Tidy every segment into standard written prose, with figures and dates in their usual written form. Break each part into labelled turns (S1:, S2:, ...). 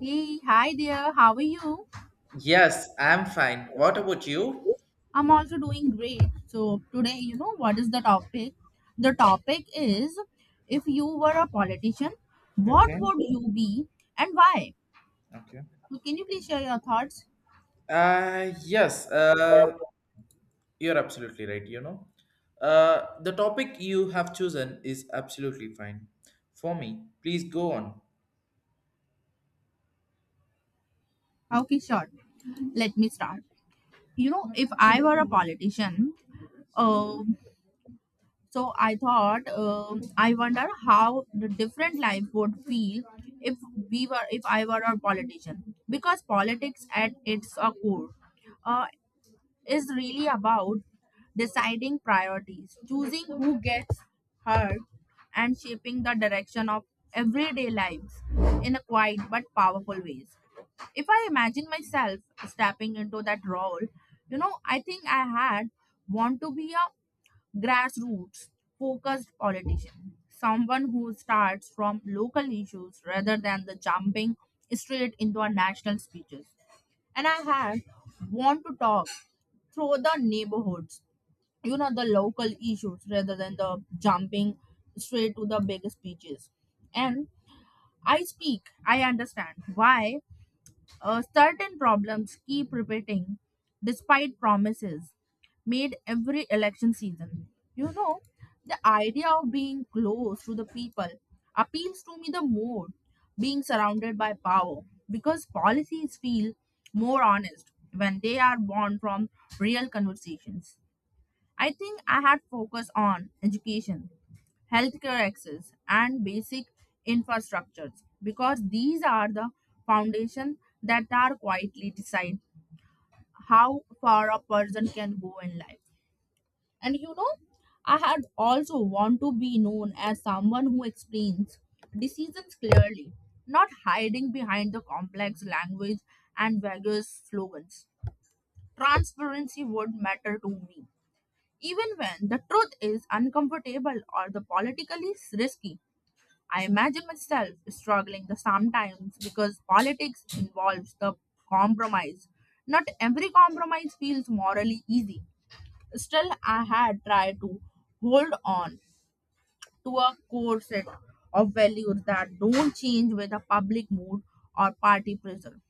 S1: Hey, hi there. How are you?
S2: Yes, I'm fine. What about you?
S1: I'm also doing great. So, today, what is the topic? The topic is if you were a politician, what
S2: Okay.
S1: would you be and why?
S2: Okay.
S1: So, can you please share your thoughts?
S2: Uh, yes, uh, you're absolutely right, you know. The topic you have chosen is absolutely fine. For me, please go on.
S1: Okay, sure. Let me start. If I were a politician, uh, So I thought, I wonder how the different life would feel if if I were a politician, because politics at its core uh, is really about deciding priorities, choosing who gets hurt, and shaping the direction of everyday lives in a quiet but powerful ways. If I imagine myself stepping into that role, I think I had want to be a grassroots focused politician, someone who starts from local issues rather than the jumping straight into a national speeches. And I had want to talk through the neighborhoods, the local issues rather than the jumping straight to the big speeches. And I understand why certain problems keep repeating despite promises made every election season. You know, the idea of being close to the people appeals to me the more being surrounded by power because policies feel more honest when they are born from real conversations. I think I had focused on education, healthcare access, and basic infrastructures because these are the foundation that are quietly decide how far a person can go in life. And I had also want to be known as someone who explains decisions clearly, not hiding behind the complex language and vague slogans. Transparency would matter to me even when the truth is uncomfortable or the politically risky. I imagine myself struggling the sometimes because politics involves the compromise. Not every compromise feels morally easy. Still, I had tried to hold on to a core set of values that don't change with the public mood or party pressure.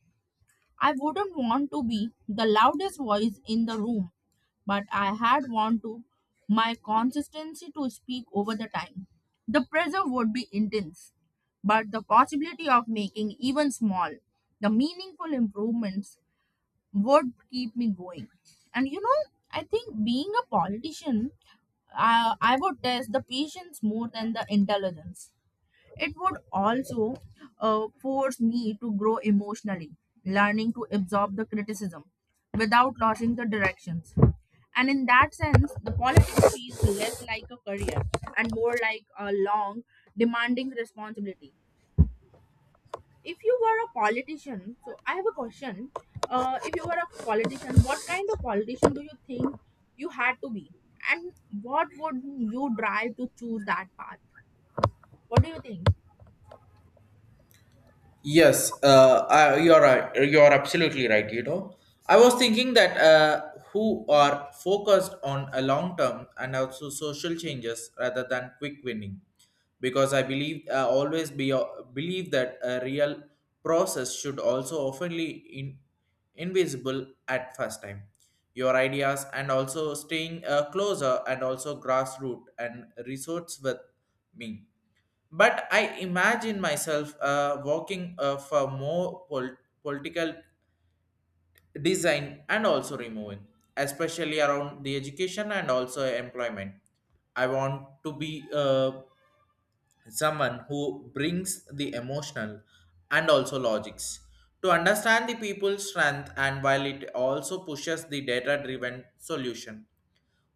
S1: I wouldn't want to be the loudest voice in the room, but I had want to my consistency to speak over the time. The pressure would be intense, but the possibility of making even small, the meaningful improvements would keep me going. And I think being a politician, I would test the patience more than the intelligence. It would also force me to grow emotionally, learning to absorb the criticism without losing the directions. And in that sense, the politics feels less like a career and more like a long, demanding responsibility. If you were a politician, so I have a question. If you were a politician, what kind of politician do you think you had to be? And what would you drive to choose that path? What do you think?
S2: Yes, I, you're right. You're absolutely right. You know, I was thinking that who are focused on a long term and also social changes rather than quick winning, because I believe always be believe that a real process should also oftenly in invisible at first time. Your ideas and also staying closer and also grassroots and resorts with me, but I imagine myself working for more political design and also removing, especially around the education and also employment. I want to be someone who brings the emotional and also logics to understand the people's strength and while it also pushes the data driven solution,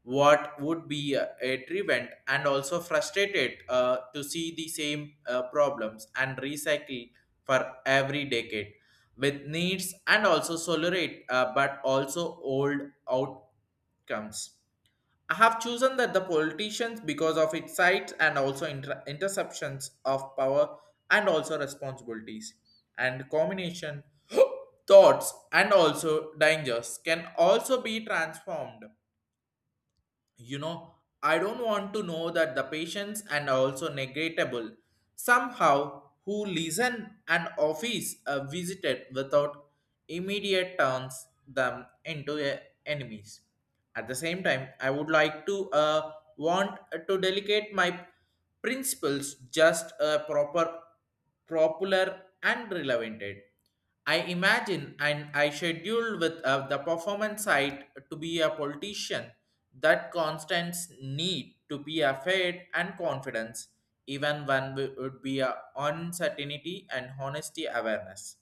S2: what would be a prevent and also frustrated to see the same problems and recycle for every decade with needs and also tolerate but also old outcomes. I have chosen that the politicians because of its size and also interceptions of power and also responsibilities and combination thoughts and also dangers can also be transformed, you know. I don't want to know that the patients and also negatable somehow who listen an office visited without immediate turns them into a enemies. At the same time, I would like to want to delegate my principles just a proper, popular and relevant. I imagine and I schedule with the performance side to be a politician that constants need to be a faith and confidence even when we would be a uncertainty and honesty awareness.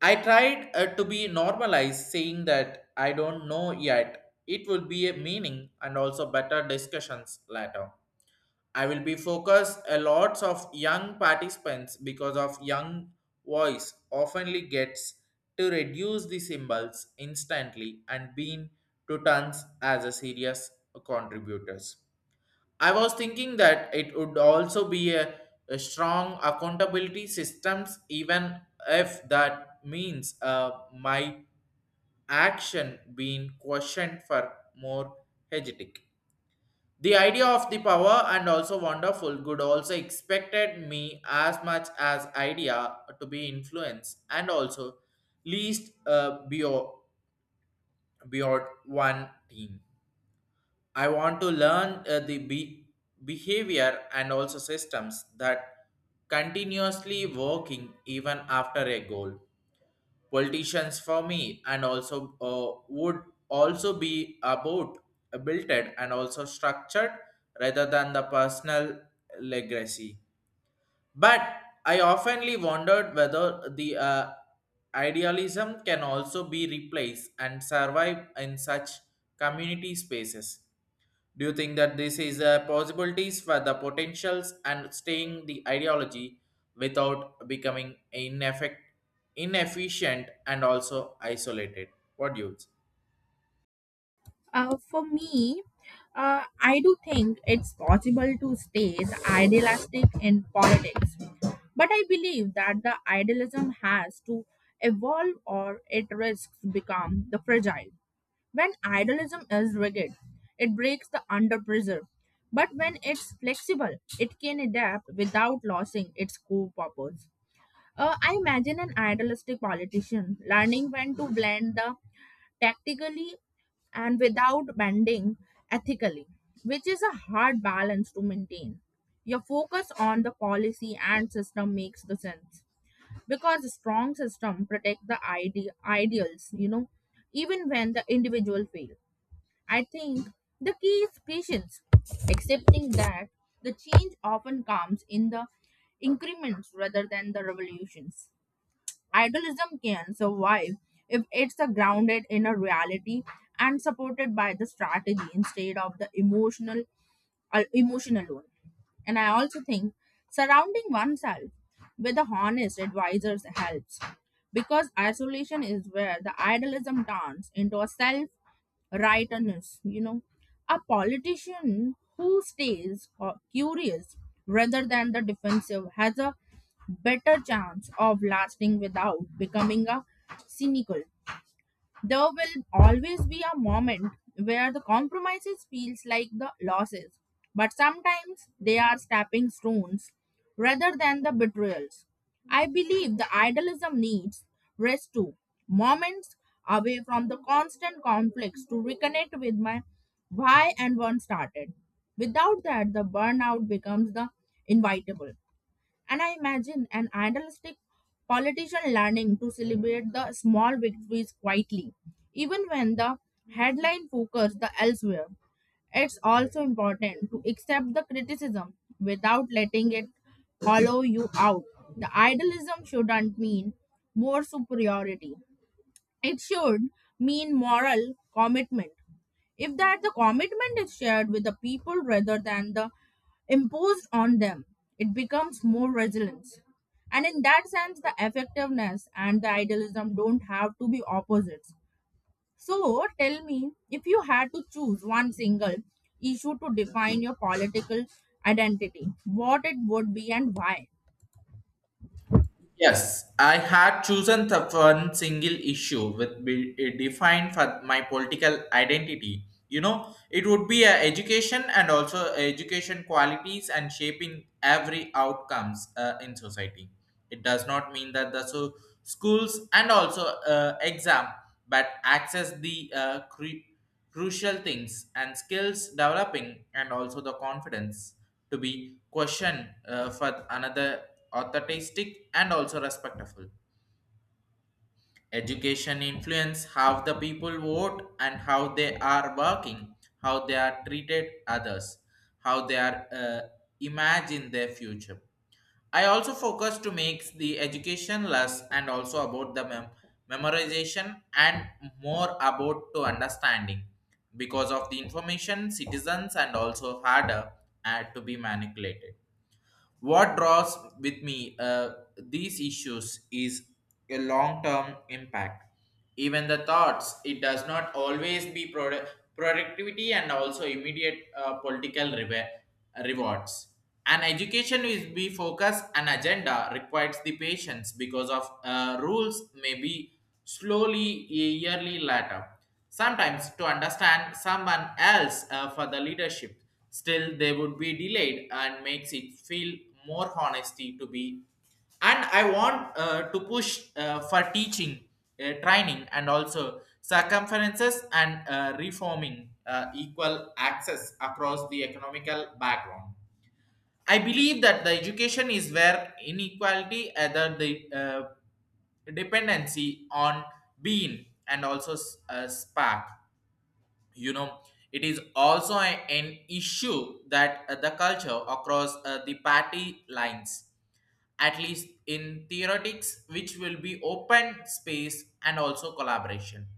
S2: I tried to be normalized, saying that I don't know yet. It will be a meaning and also better discussions later. I will be focused a lots of young participants because of young voice oftenly gets to reduce the symbols instantly and being to tons as a serious contributors. I was thinking that it would also be a strong accountability systems, even if that means my action being questioned for more hegetic. The idea of the power and also wonderful good also expected me as much as idea to be influenced and also least beyond one team. I want to learn the behavior and also systems that continuously working even after a goal. Politicians for me and also would also be about built and also structured rather than the personal legacy. But I oftenly wondered whether the idealism can also be replaced and survive in such community spaces. Do you think that this is a possibilities for the potentials and staying the ideology without becoming inefficient and also isolated? What do you say?
S1: For me, I do think it's possible to stay idealistic in politics, but I believe that the idealism has to evolve or it risks become the fragile. When idealism is rigid, it breaks the under pressure. But when it's flexible, it can adapt without losing its core purpose. I imagine an idealistic politician learning when to blend the tactically and without bending ethically, which is a hard balance to maintain. Your focus on the policy and system makes the sense because a strong system protect the ideals, even when the individual fail. I think the key is patience, accepting that the change often comes in the increments rather than the revolutions. Idealism can survive if it's grounded in a reality and supported by the strategy instead of the emotional one. And I also think surrounding oneself with a honest advisors helps because isolation is where the idealism turns into a self rightness. A politician who stays curious rather than the defensive has a better chance of lasting without becoming a cynical. There will always be a moment where the compromises feels like the losses, but sometimes they are stepping stones rather than the betrayals. I believe the idealism needs rest too, moments away from the constant conflicts to reconnect with my why and one started. Without that, the burnout becomes the inevitable. And I imagine an idealistic politician learning to celebrate the small victories quietly, even when the headline focus the elsewhere. It's also important to accept the criticism without letting it hollow you out. The idealism shouldn't mean more superiority. It should mean moral commitment. If that the commitment is shared with the people rather than the imposed on them, it becomes more resilience. And in that sense, the effectiveness and the idealism don't have to be opposites. So tell me, if you had to choose one single issue to define your political identity, what it would be and why?
S2: Yes, I had chosen the one single issue with be eh, defined for my political identity. You know, it would be a education and also education qualities and shaping every outcomes in society. It does not mean that the so schools and also but access the crucial things and skills developing and also the confidence to be questioned for another authentic and also respectful. Education influence how the people vote and how they are working, how they are treated others, how they are imagine their future. I also focus to make the education less and also about the memorization and more about to understanding because of the information citizens and also harder to be manipulated. What draws with me these issues is a long-term impact. Even the thoughts, it does not always be productivity and also immediate political rewards. An education is be focus and agenda requires the patience because of rules may be slowly a yearly later. Sometimes to understand someone else for the leadership, still they would be delayed and makes it feel more honesty to be. And I want to push for teaching, training, and also circumferences and reforming equal access across the economical background. I believe that the education is where inequality, either the dependency on being and also spark, you know. It is also an issue that the culture across the party lines, at least in theoretics, which will be open space and also collaboration.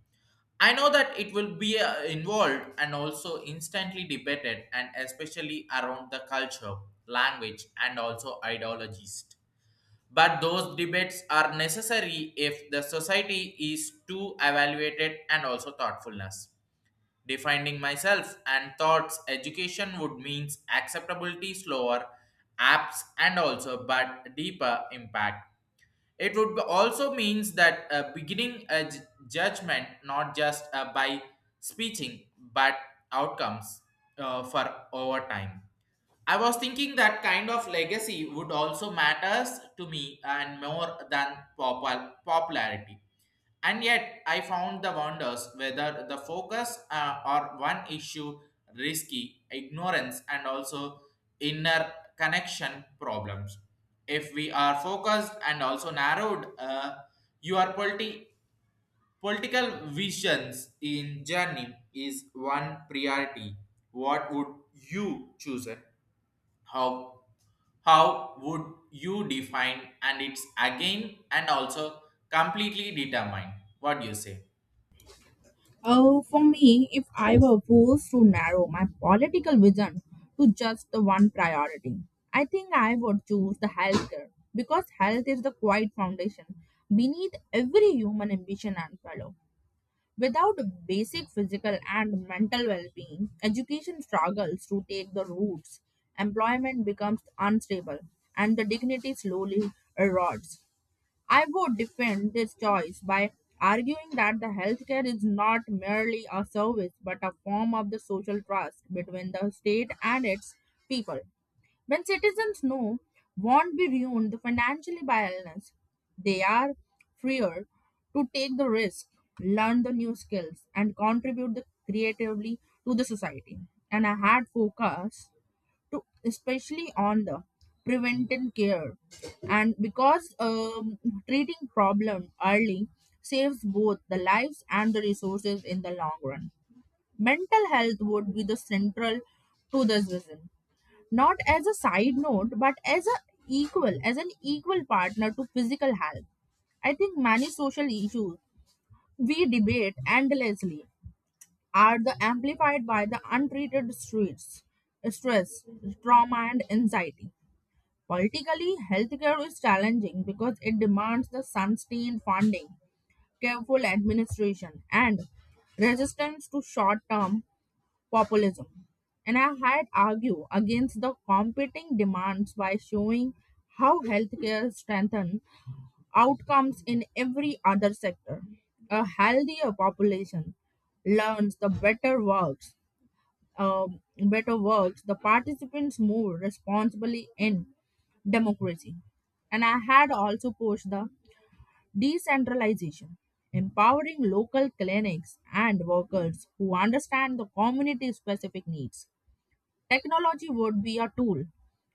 S2: I know that it will be involved and also instantly debated and especially around the culture language and also ideologies, but those debates are necessary if the society is to evaluated and also thoughtfulness. Defining myself and thoughts education would means acceptability slower apps and also but deeper impact. It would also means that beginning a judgment, not just by speaking but outcomes for over time. I was thinking that kind of legacy would also matters to me and more than popularity. And yet, I found the wonders whether the focus or one issue risky, ignorance, and also inner connection problems. If we are focused and also narrowed, your political visions in journey is one priority. What would you choose? How would you define and it's again and also completely determined? What do you say?
S1: Oh, for me, if I were forced to narrow my political vision to just the one priority, I think I would choose the healthcare because health is the quiet foundation beneath every human ambition and fellow. Without basic physical and mental well-being, education struggles to take the roots, employment becomes unstable, and the dignity slowly erodes. I would defend this choice by arguing that the healthcare is not merely a service but a form of the social trust between the state and its people. When citizens know won't be ruined financially by illness, they are freer to take the risk, learn the new skills, and contribute the creatively to the society. And I had focus to especially on the preventive care and because treating problem early saves both the lives and the resources in the long run. Mental health would be the central to this vision, not as a side note but as a equal as an equal partner to physical health. I think many social issues we debate endlessly are the amplified by the untreated streets, stress, trauma, and anxiety. Politically, healthcare is challenging because it demands the sustained funding, careful administration, and resistance to short term populism. And I had argued against the competing demands by showing how healthcare strengthens outcomes in every other sector. A healthier population learns the um, better works, the participants move responsibly in democracy. And I had also pushed the decentralization, empowering local clinics and workers who understand the community specific needs. Technology would be a tool,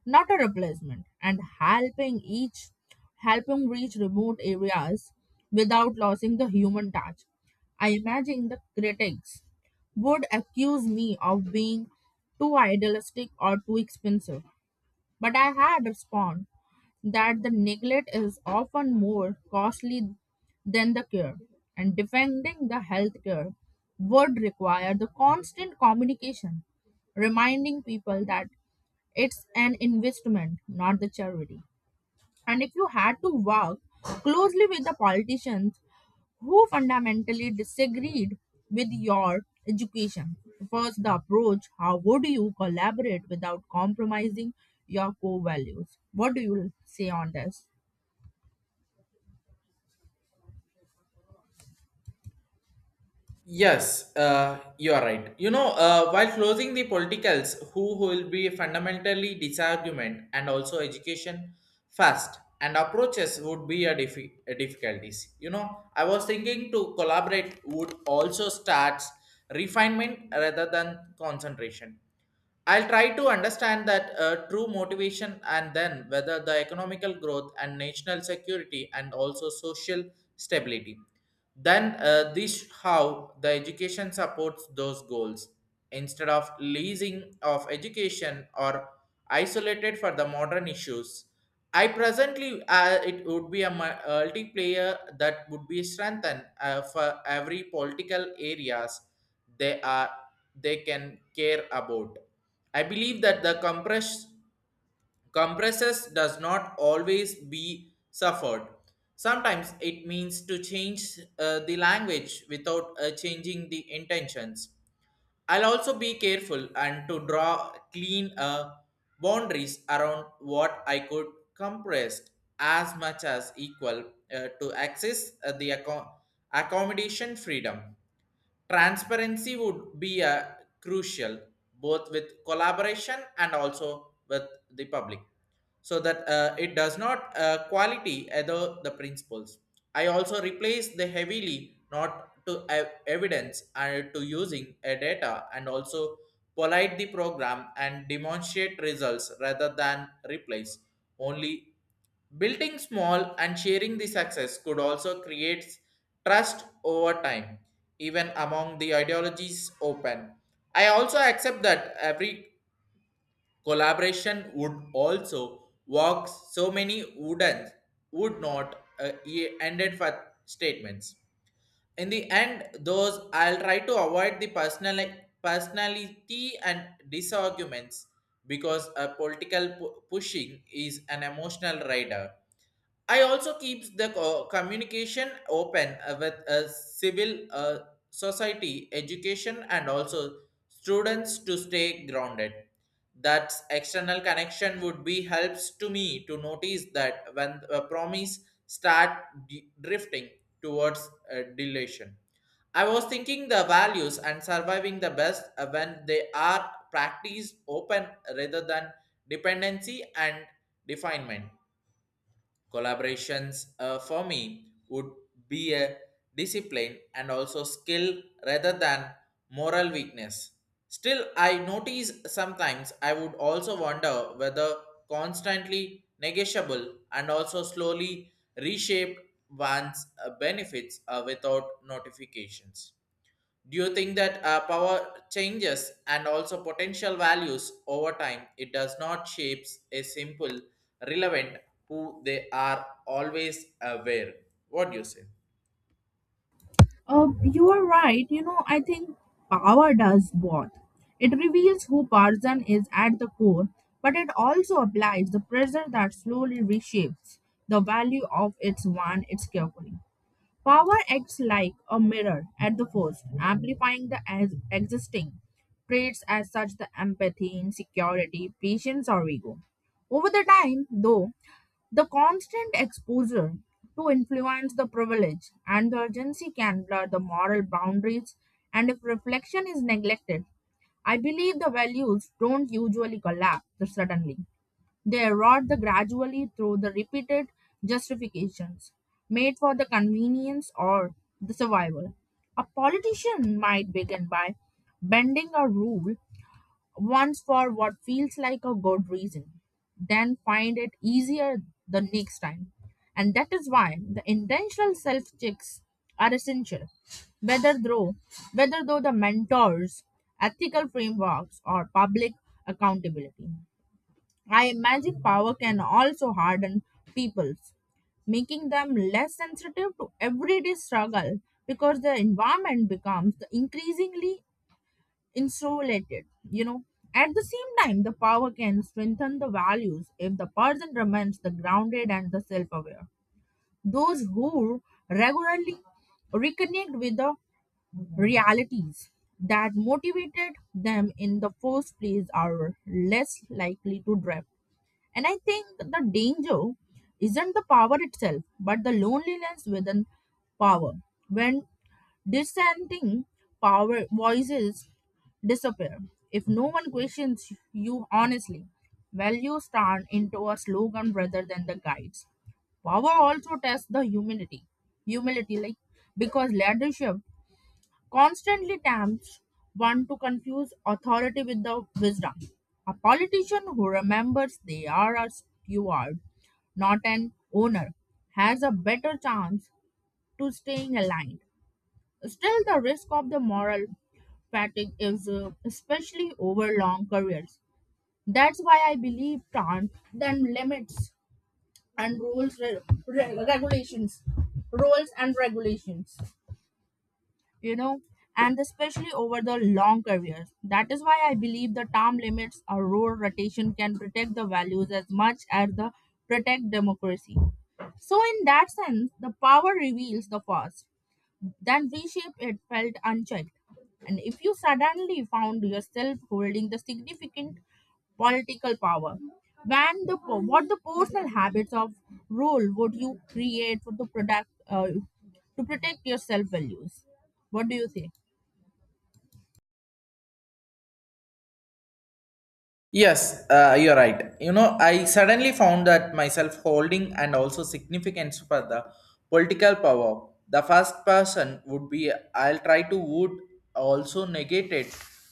S1: not a replacement, and helping reach remote areas without losing the human touch. I imagine the critics would accuse me of being too idealistic or too expensive. But I had responded that the neglect is often more costly than the cure, and defending the health care would require the constant communication, reminding people that it's an investment, not the charity. And if you had to work closely with the politicians who fundamentally disagreed with your education. First, the approach how would you collaborate without compromising your core values? What do you say on this?
S2: Yes, you are right. You know, while closing the politicals, who will be fundamentally disargument and also education first and approaches would be a difficulties. You know, I was thinking to collaborate would also starts refinement rather than concentration. I'll try to understand that true motivation and then whether the economical growth and national security and also social stability, then this how the education supports those goals instead of leasing of education or isolated for the modern issues. I presently it would be a multiplayer that would be strengthened for every political areas they are they can care about. I believe that the compress compresses does not always be suffered. Sometimes it means to change the language without changing the intentions. I'll also be careful and to draw clean boundaries around what I could compress as much as equal to access the accommodation freedom. Transparency would be crucial both with collaboration and also with the public so that it does not quality other the principles. I also replace the heavily not to evidence and to using a data and also polite the program and demonstrate results rather than replace only building small and sharing the success could also create trust over time, even among the ideologies open. I also accept that every collaboration would also walk, so many wouldn't would not ended for statements. In the end, those I'll try to avoid the personal personality and disarguments because a political pushing is an emotional rider. I also keep the communication open with a civil society, education, and also students to stay grounded. That external connection would be helps to me to notice that when a promise start drifting towards deletion. I was thinking the values and surviving the best when they are practiced open rather than dependency and definement. Collaborations for me would be a discipline and also skill rather than moral weakness. Still, I notice sometimes I would also wonder whether constantly negotiable and also slowly reshaped one's benefits without notifications. Do you think that power changes and also potential values over time? It does not shapes a simple, relevant who they are always aware. What do you say?
S1: You are right. I think power does both. It reveals who Tarzan is at the core, but it also applies the pressure that slowly reshapes the value of its one its carefully. Power acts like a mirror at the first, amplifying the as existing traits as such the empathy, insecurity, patience, or ego. Over the time, though, the constant exposure to influence the privilege and the urgency can blur the moral boundaries, and if reflection is neglected, I believe the values don't usually collapse suddenly. They erode the gradually through the repeated justifications made for the convenience or the survival. A politician might begin by bending a rule once for what feels like a good reason, then find it easier the next time. And that is why the intentional self checks are essential, whether though whether though the mentors, ethical frameworks, or public accountability. I imagine power can also harden people's, making them less sensitive to everyday struggle because their environment becomes the increasingly insulated. At the same time, the power can strengthen the values if the person remains the grounded and the self-aware. Those who regularly reconnect with the realities that motivated them in the first place are less likely to drift. And I think the danger isn't the power itself, but the loneliness within power. When dissenting power voices disappear, if no one questions you honestly, values turn into a slogan rather than the guides. Power also tests the humility. Humility, like because leadership constantly tempts one to confuse authority with the wisdom. A politician who remembers they are a steward, not an owner, has a better chance to staying aligned. Still, the risk of the moral fatigue is especially over long careers. That's why I believe tant then limits and rules regulations, rules and regulations you know, and especially over the long careers. That is why I believe the term limits or role rotation can protect the values as much as the protect democracy. So in that sense, the power reveals the past then reshape it felt unchecked. And if you suddenly found yourself holding the significant political power, when what the personal habits of role would you create for the product to protect your self values? What do you think?
S2: Yes, you're right. You know, I suddenly found that myself holding and also significance for the political power. The first person would be I'll try to would also negated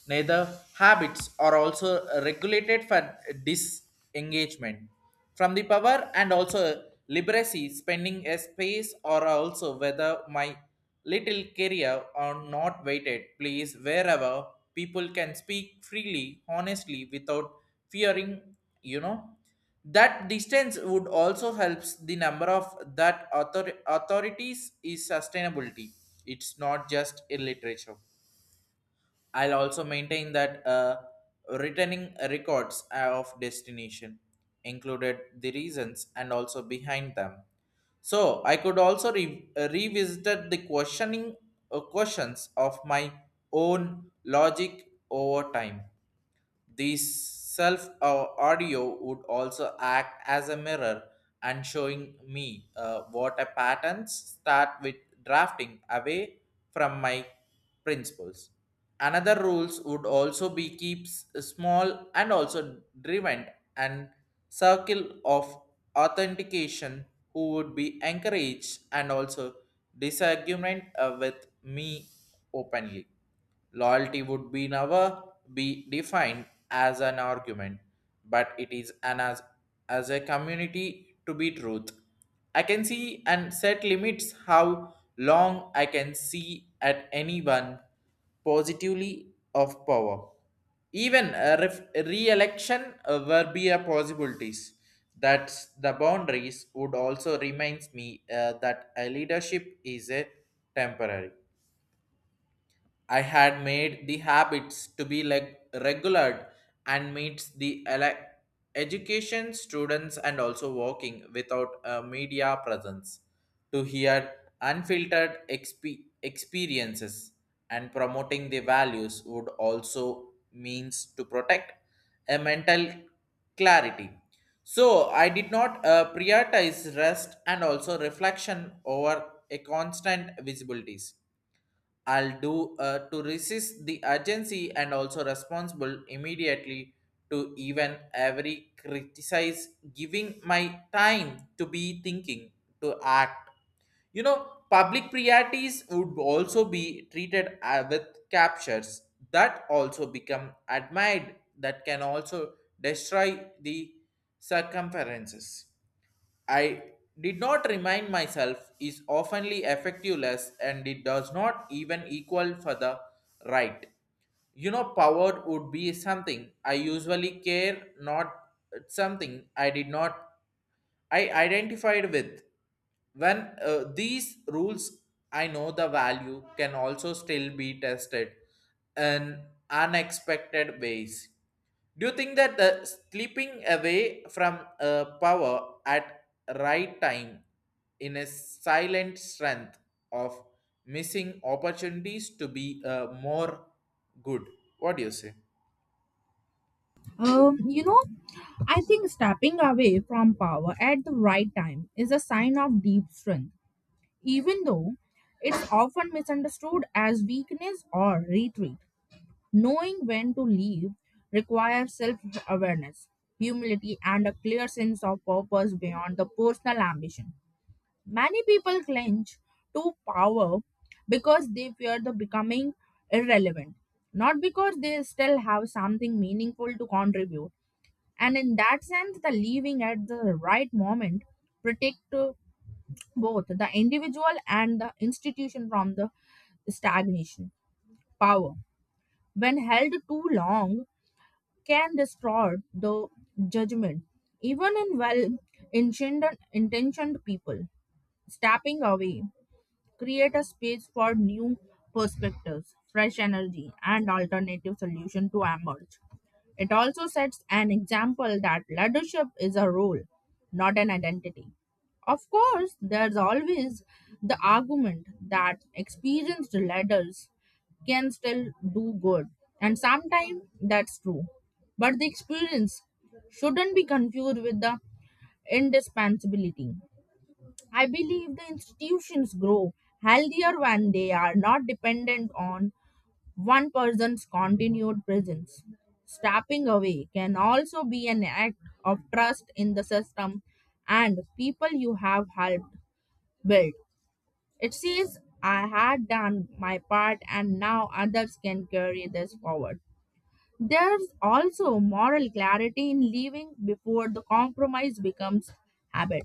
S2: neither habits are also regulated for disengagement from the power and also liberacy spending a space or also whether my little career or not waited, please wherever people can speak freely honestly without fearing, you know. That distance would also helps the number of that authorities is sustainability. It's not just in literature. I'll also maintain that returning records of destination included the reasons and also behind them. So I could also revisit the questioning questions of my own logic over time. These self audio would also act as a mirror and showing me what a patterns start with drafting away from my principles. Another rules would also be keeps small and also driven and circle of authentication who would be encouraged and also disagreement with me openly. Loyalty would be never be defined as an argument, but it is an as a community to be truth. I can see and set limits how long I can see at anyone positively of power. Even a re-election were be a possibilities. That the boundaries would also reminds me that a leadership is a temporary. I had made the habits to be like regular and meets the education students and also working without a media presence to hear unfiltered experiences and promoting the values would also means to protect a mental clarity, so I did not prioritize rest and also reflection over a constant visibilities. I'll do to resist the urgency and also responsible immediately to even every criticize, giving my time to be thinking, to act. You know, public priorities would also be treated with captures that also become admired, that can also destroy the circumferences. I did not remind myself is oftenly effectiveless and it does not even equal for the right. You know, power would be something I usually care, not something I did not I identified with. When these rules, I know the value can also still be tested in unexpected ways. Do you think that the sleeping away from power at right time in a silent strength of missing opportunities to be more good? What do you say?
S1: Um, you know, I think stepping away from power at the right time is a sign of deep strength, even though it's often misunderstood as weakness or retreat. Knowing when to leave requires self awareness, humility, and a clear sense of purpose beyond the personal ambition. Many people cling to power because they fear the becoming irrelevant, not because they still have something meaningful to contribute. And in that sense, the leaving at the right moment protect both the individual and the institution from the stagnation. Power, when held too long, can distort the judgment, even in well intentioned intentioned people. Stepping away create a space for new perspectives, fresh energy, and alternative solutions to emerge. It also sets an example that leadership is a role, not an identity. Of course, there's always the argument that experienced leaders can still do good, and sometimes that's true. But the experience shouldn't be confused with the indispensability. I believe the institutions grow healthier when they are not dependent on one person's continued presence. Stepping away can also be an act of trust in the system and people you have helped build. It says, I had done my part and now others can carry this forward. There's also moral clarity in leaving before the compromise becomes habit.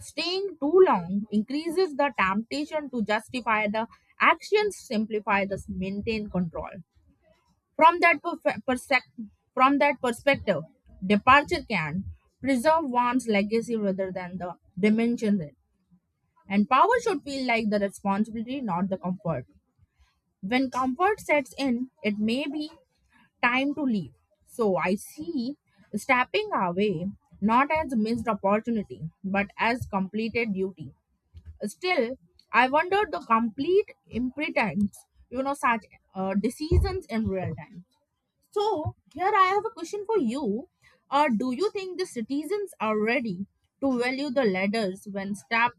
S1: Staying too long increases the temptation to justify the actions, simplify the maintain control. From that perfe- persec- from that perspective, departure can preserve one's legacy rather than the dimension it. And power should feel like the responsibility, not the comfort. When comfort sets in, it may be time to leave. So I see stepping away not as a missed opportunity, but as completed duty. Still, I wondered the complete impotence, such decisions in real time. So, here I have a question for you. Do you think the citizens are ready to value the ladders when step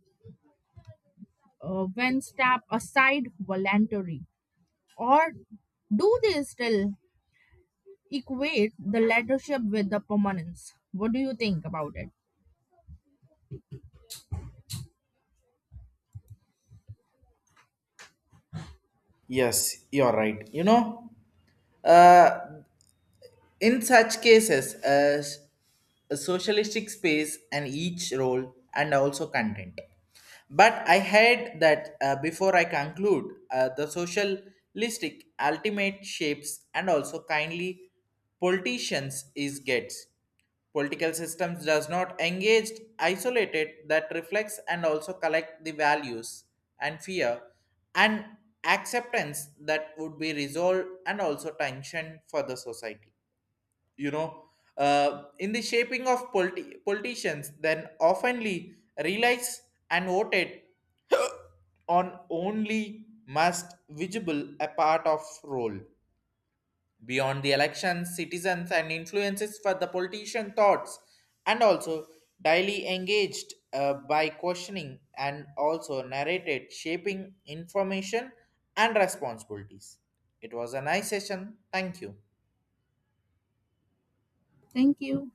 S1: aside voluntary, or do they still equate the leadership with the permanence? What do you think about it?
S2: Yes, you're right. You know, uh, in such cases, a socialistic space and each role and also content. But I heard that before I conclude, the socialistic ultimate shapes and also kindly politicians is gets. Political systems does not engage isolated that reflects and also collect the values and fear and acceptance that would be resolved and also tension for the society, you know. In the shaping of politicians, then oftenly relies and voted on only must visible a part of role. Beyond the elections, citizens and influences for the politician thoughts and also daily engaged by questioning and also narrated shaping information and responsibilities. It was a nice session. Thank you.
S1: Thank you.